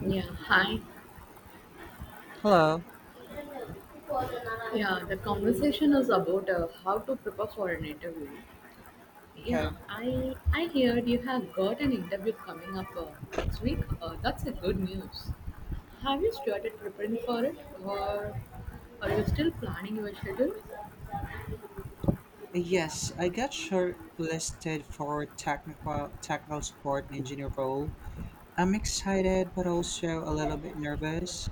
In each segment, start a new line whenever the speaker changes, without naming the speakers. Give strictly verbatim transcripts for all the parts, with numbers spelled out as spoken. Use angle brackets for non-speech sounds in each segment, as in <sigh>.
Yeah, hi.
Hello.
Yeah, the conversation is about uh, how to prepare for an interview. Yeah,
Okay.
I I heard you have got an interview coming up uh, next week. Uh, that's a good news. Have you started preparing for it, or are you still planning your schedule?
Yes, I got shortlisted for technical technical support engineer role. I'm excited but also a little bit nervous.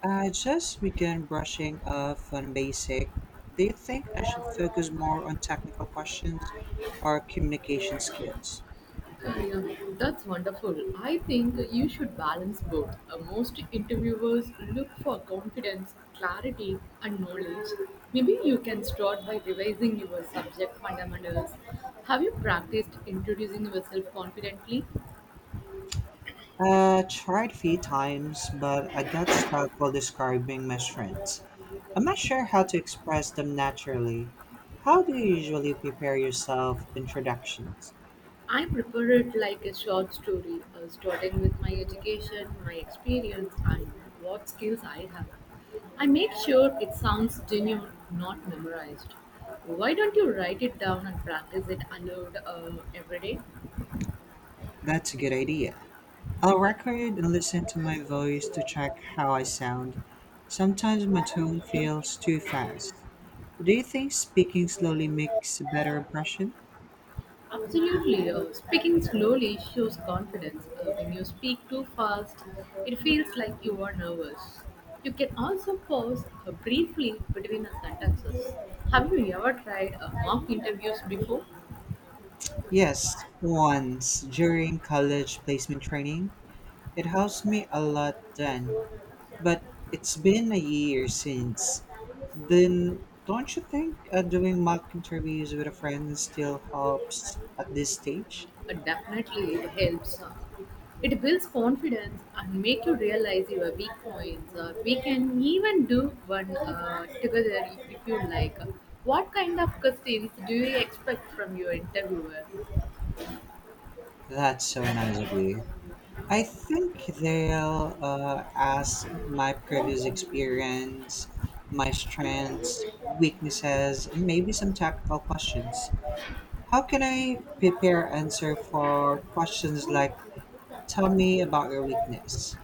I just began brushing off on basic. Do you think I should focus more on technical questions or communication skills?
Yeah, that's wonderful. I think you should balance both. Uh, most interviewers look for confidence, clarity, and knowledge. Maybe you can start by revising your subject fundamentals. Have you practiced introducing yourself confidently?
Uh, tried a few times, but I got stuck while describing my strengths. I'm not sure how to express them naturally. How do you usually prepare yourself introductions?
I prepare it like a short story, uh, starting with my education, my experience, and what skills I have. I make sure it sounds genuine, not memorized. Why don't you write it down and practice it aloud uh, every
That's a good idea. I'll record and listen to my voice to check how I sound. Sometimes my tone feels too fast. Do you think speaking slowly
day?
makes a better impression?
Absolutely. Uh, speaking slowly shows confidence. Uh, when you speak too fast, it feels like you are nervous. You can also pause uh, briefly between the sentences. Have you ever tried uh, mock interviews before?
Yes, once during college placement training. It helps me a lot then. But it's been a year since then. Don't you think uh, doing mock interviews with a friend still helps at this stage?
Uh, definitely it helps. Uh, It builds confidence and make you realize your weak points. Uh, we can even do one uh, together if, if you like. What kind of questions do you expect from your interviewer?
That's so nice of you. I think they'll uh, ask my previous experience, my strengths, weaknesses, and maybe some technical questions. How can I prepare answer for questions like, tell me about your weakness?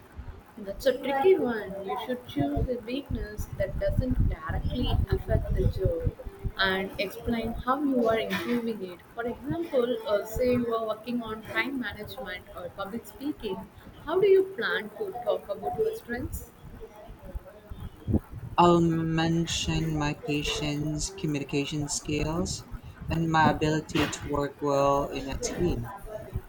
That's a tricky one. You should choose a weakness that doesn't directly affect the job and explain how you are improving it. For example, uh, say you are working on time management or public speaking, how do you plan to talk about your strengths?
I'll mention my patience, communication skills, and my ability to work well in a team.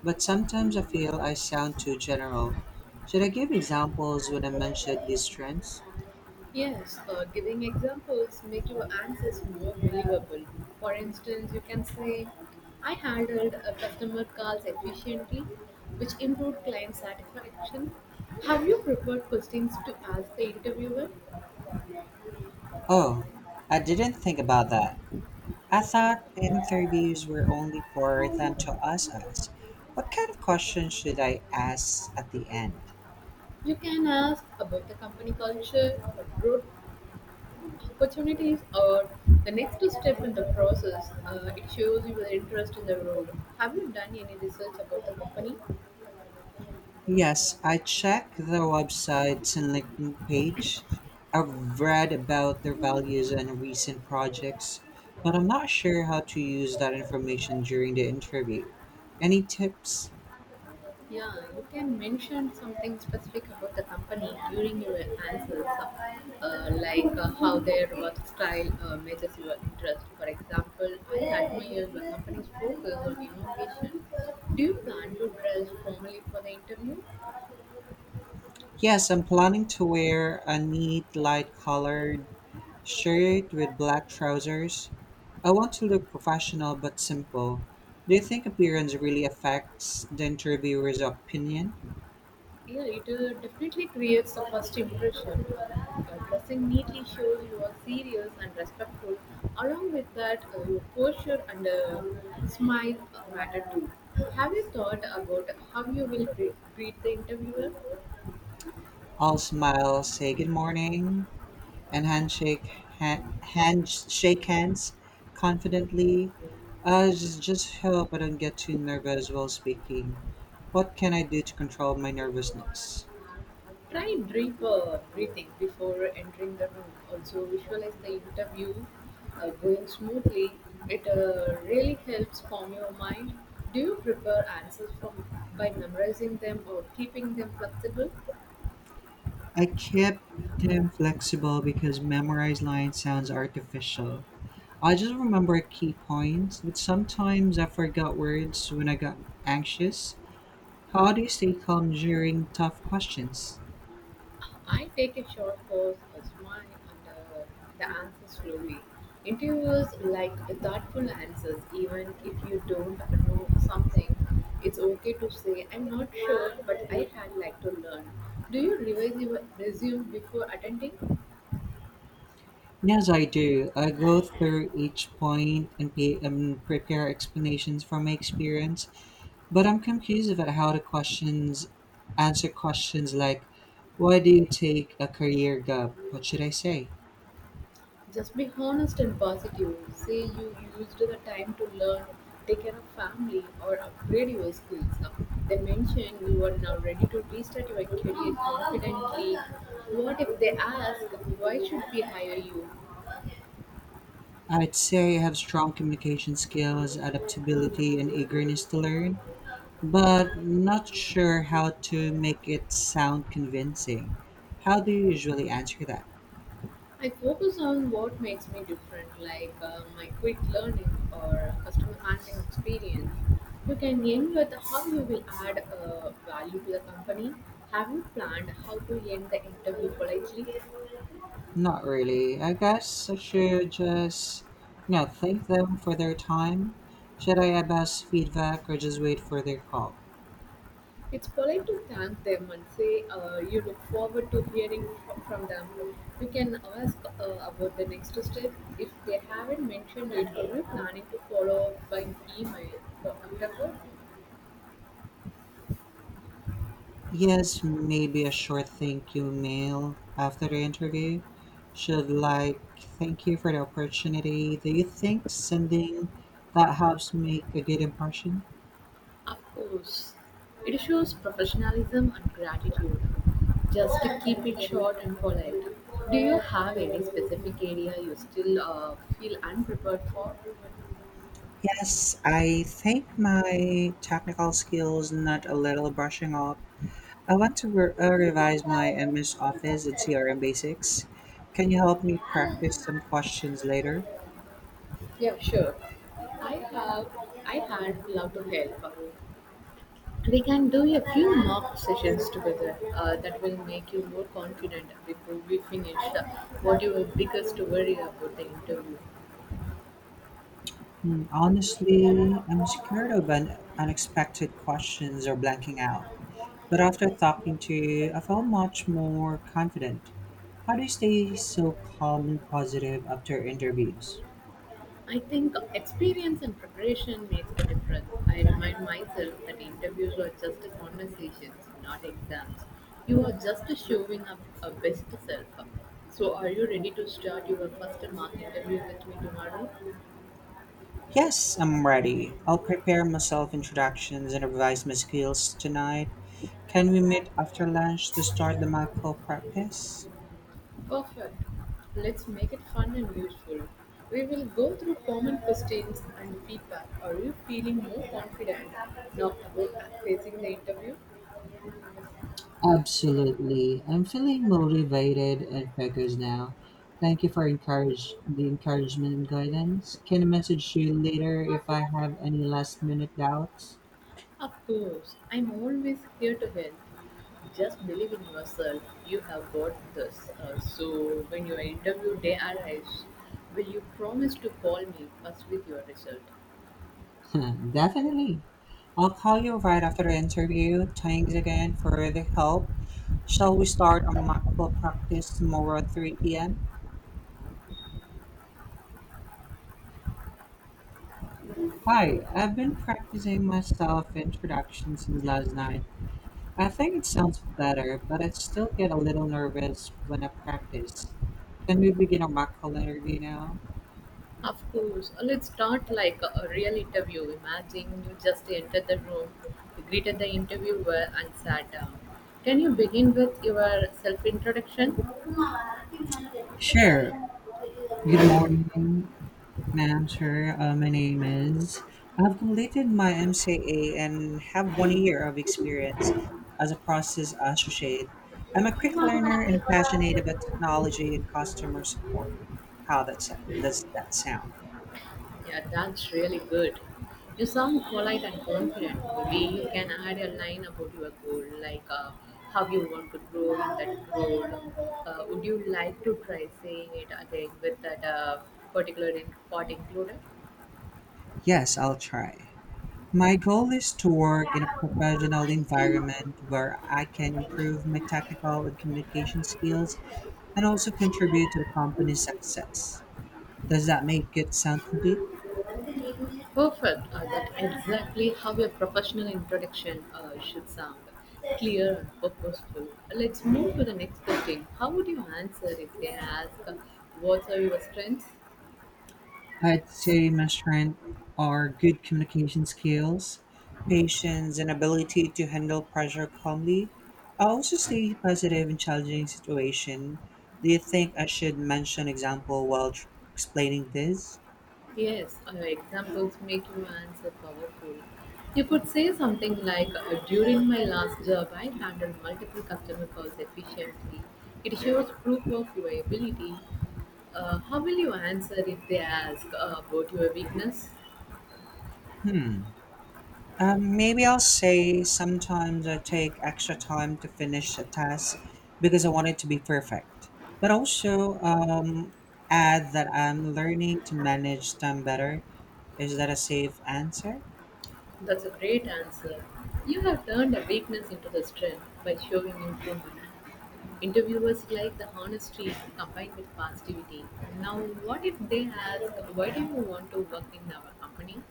But sometimes I feel I sound too general. Should I give examples when I mention these strengths?
Yes, uh, giving examples make your answers more believable. For instance, you can say, I handled a customer calls efficiently, which improved client satisfaction. Have you prepared questions to ask the interviewer?
Oh, I didn't think about that. I thought interviews were only for them to ask us. What kind of questions should I ask at the end?
You can ask about the company culture, growth opportunities are the next step in the process. Uh, it shows your interest in the road. Have you done any research about the company?
Yes, I check their websites and LinkedIn page. I've read about their values and recent projects, but I'm not sure how to use that information during the interview. Any tips?
Yeah, you can mention something specific about the company during your answers, uh, uh, like uh, how their work style uh, matches your interest. For example, I admire the company's focus on innovation. Do you plan to dress formally for the interview?
Yes, I'm planning to wear a neat light colored shirt with black trousers. I want to look professional but simple. Do you think appearance really affects the interviewer's opinion?
Yeah, it uh, definitely creates a first impression. Your dressing neatly shows you are serious and respectful. Along with that, uh, your posture and uh, smile matter too. Have you thought about how you will gre- greet the interviewer?
All smiles, say good morning, and handshake ha- hand shake hands confidently. I just, just hope I don't get too nervous while speaking. What can I do to control my nervousness?
Try deep uh, breathing before entering the room. Also, visualize the interview uh, going smoothly. It uh, really helps calm your mind. Do you prepare answers from by memorizing them or keeping them flexible?
I kept them flexible because memorized lines sounds artificial. I just remember key points, but sometimes I forgot words when I got anxious. How do you stay calm during tough questions?
I take a short pause, a smile, and uh, the answer slowly. Interviewers like uh, thoughtful answers, even if you don't know something. It's okay to say, I'm not sure, but I had like to learn. Do you revise your resume before attending?
Yes, I do. I go through each point and, pe- and prepare explanations from my experience, but I'm confused about how the questions answer questions like, why do you take a career gap? What should I say?
Just be honest and positive. Say you used the time to learn, take care of family, or upgrade your skills. They mention you are now ready to restart your career confidently. What if they ask, why should we hire you?
I'd say I have strong communication skills, adaptability, and eagerness to learn, but not sure how to make it sound convincing. How do you usually answer that?
I focus on what makes me different, like uh, my quick learning or customer handling experience. You can end with how you will add uh, value to the company. Have you planned how to end the interview politely?
Not really. I guess I should just, you know, thank them for their time. Should I ask feedback or just wait for their call?
It's polite to thank them and say uh, you look forward to hearing f- from them. You can ask uh, about the next step. If they haven't mentioned it, are you planning to follow up by email or after work?
Yes, maybe a short thank you mail after the interview. Should like thank you for the opportunity. Do you think sending that helps make a good impression?
Of course, it shows professionalism and gratitude. Just to keep it short and polite. Do you have any specific area you still uh, feel unprepared for?
Yes, I think my technical skills need a little brushing up. I want to re- uh, revise my M S Office and C R M basics. Can you help me practice some questions later?
Yeah, sure. I have. I had love to help. We can do a few mock sessions together uh, that will make you more confident before we finish. Uh, What your biggest worry about the interview?
Hmm, honestly, I'm scared of un- unexpected questions or blanking out. But after talking to you, I felt much more confident. How do you stay so calm and positive after interviews?
I think experience and preparation makes the difference. I remind myself that interviews are just conversations, not exams. You are just showing up a best self. So, are you ready to start your first mock interview with me tomorrow?
Yes, I'm ready. I'll prepare myself introductions and revise my skills tonight. Can we meet after lunch to start the mock call practice?
Perfect. Let's make it fun and useful. We will go through common questions and feedback. Are you feeling more confident now about facing the interview?
Absolutely. I'm feeling motivated and focused now. Thank you for encourage the encouragement and guidance. Can I message you later if I have any last minute doubts?
Of course, I'm always here to help. Just believe in yourself. You have got this. Uh, so, when your interview day arrives, will you promise to call me first with your result?
<laughs> Definitely. I'll call you right after the interview. Thanks again for the help. Shall we start a mockable practice tomorrow at three p m? Hi, I've been practicing my self introduction since last night. I think it sounds better, but I still get a little nervous when I practice. Can we begin our on interview now?
Of course. Uh, Let's start like a a real interview. Imagine you just entered the room, you greeted the interviewer, and sat down. Can you begin with your self introduction?
Sure. Good morning, ma'am, sir. Uh, my name is. I've completed my M C A and have one year of experience as a process associate. I'm a quick learner and passionate about technology and customer support. How that's, does that sound?
Yeah, that's really good. You sound polite and confident. Maybe you can add a line about your goal, like uh, how you want to grow in that role. Uh, would you like to try saying it again with that uh, particular in- part included?
Yes, I'll try. My goal is to work in a professional environment where I can improve my technical and communication skills and also contribute to the company's success. Does that make it sound complete?
Perfect. Uh, that's exactly how a professional introduction uh, should sound clear and purposeful. Let's move to the next question. How would you answer if they ask, uh, what are your strengths?
I'd say my strength are good communication skills, patience, and ability to handle pressure calmly. I also stay positive in challenging situation. Do you think I should mention example while tr- explaining this?
Yes, uh, examples make your answer powerful. You could say something like, uh, during my last job, I handled multiple customer calls efficiently. It shows proof of your ability. Uh, how will you answer if they ask uh, about your weakness?
Hmm. Um, maybe I'll say sometimes I take extra time to finish a task because I want it to be perfect, but also um, add that I'm learning to manage time better. Is that a safe answer?
That's a great answer. You have turned a weakness into a strength by showing improvement. Interviewers like the honesty combined with positivity. Now, what if they ask, why do you want to work in our company?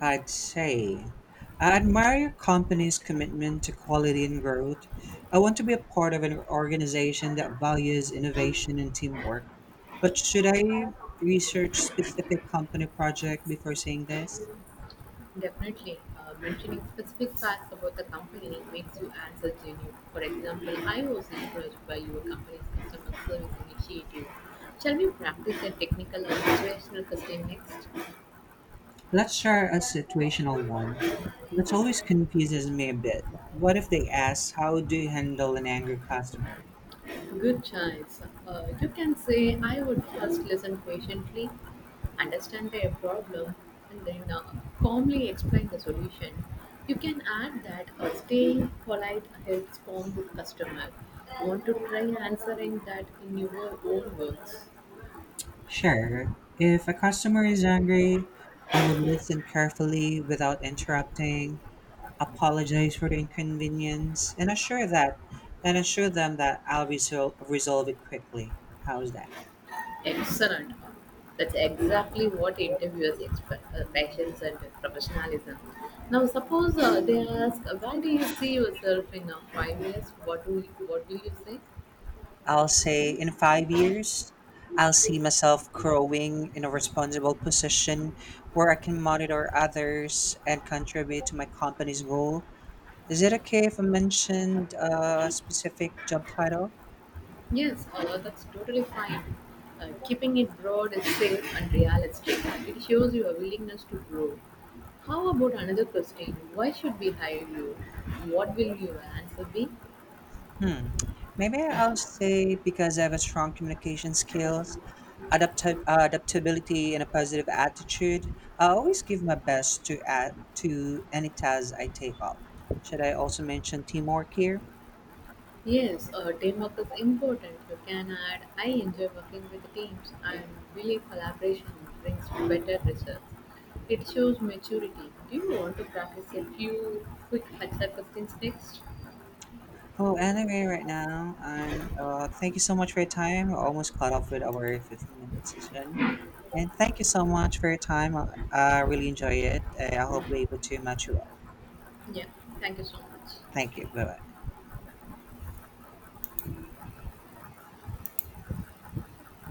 I'd say. I admire your company's commitment to quality and growth. I want to be a part of an organization that values innovation and teamwork. But should I research specific company project before saying this?
Definitely, uh, mentioning specific facts about the company makes you answer genuine. For example, I was encouraged by your company's customer service initiative. Shall we practice a technical and situational question next?
Let's share a situational one that always confuses me a bit. What if they ask, how do you handle an angry customer?
Good choice. Uh, you can say, I would first listen patiently, understand their problem, and then uh, calmly explain the solution. You can add that uh, staying polite helps calm the customer. Want to try answering that in your own words?
Sure, if a customer is angry, I will listen carefully without interrupting, apologize for the inconvenience, and assure that and assure them that I'll resol- resolve it quickly. How's that?
Excellent. That's exactly what interviewers expect uh, patience and professionalism. Now, suppose uh, they ask, where do you see yourself in uh, five years? What do, you, what do you say?
I'll say in five years, I'll see myself growing in a responsible position where I can monitor others and contribute to my company's goal. Is it okay if I mentioned a specific job title?
Yes, uh, that's totally fine. Uh, keeping it broad is safe and realistic. It shows your willingness to grow. How about another question? Why should we hire you? What will your answer be?
Hmm. Maybe I'll say because I have a strong communication skills, adapti- adaptability, and a positive attitude. I always give my best to add to any task I take up. Should I also mention teamwork here?
Yes, uh, teamwork is important. You can add, I enjoy working with teams and believe collaboration brings better results. It shows maturity. Do you want to practice a few quick H R questions next?
Oh, anyway, right now, and uh, thank you so much for your time. We're almost caught up with our fifteen minute session. And thank you so much for your time. I, I really enjoy it. I, I hope we're able to match you up.
Yeah, thank you so much.
Thank you. Bye bye.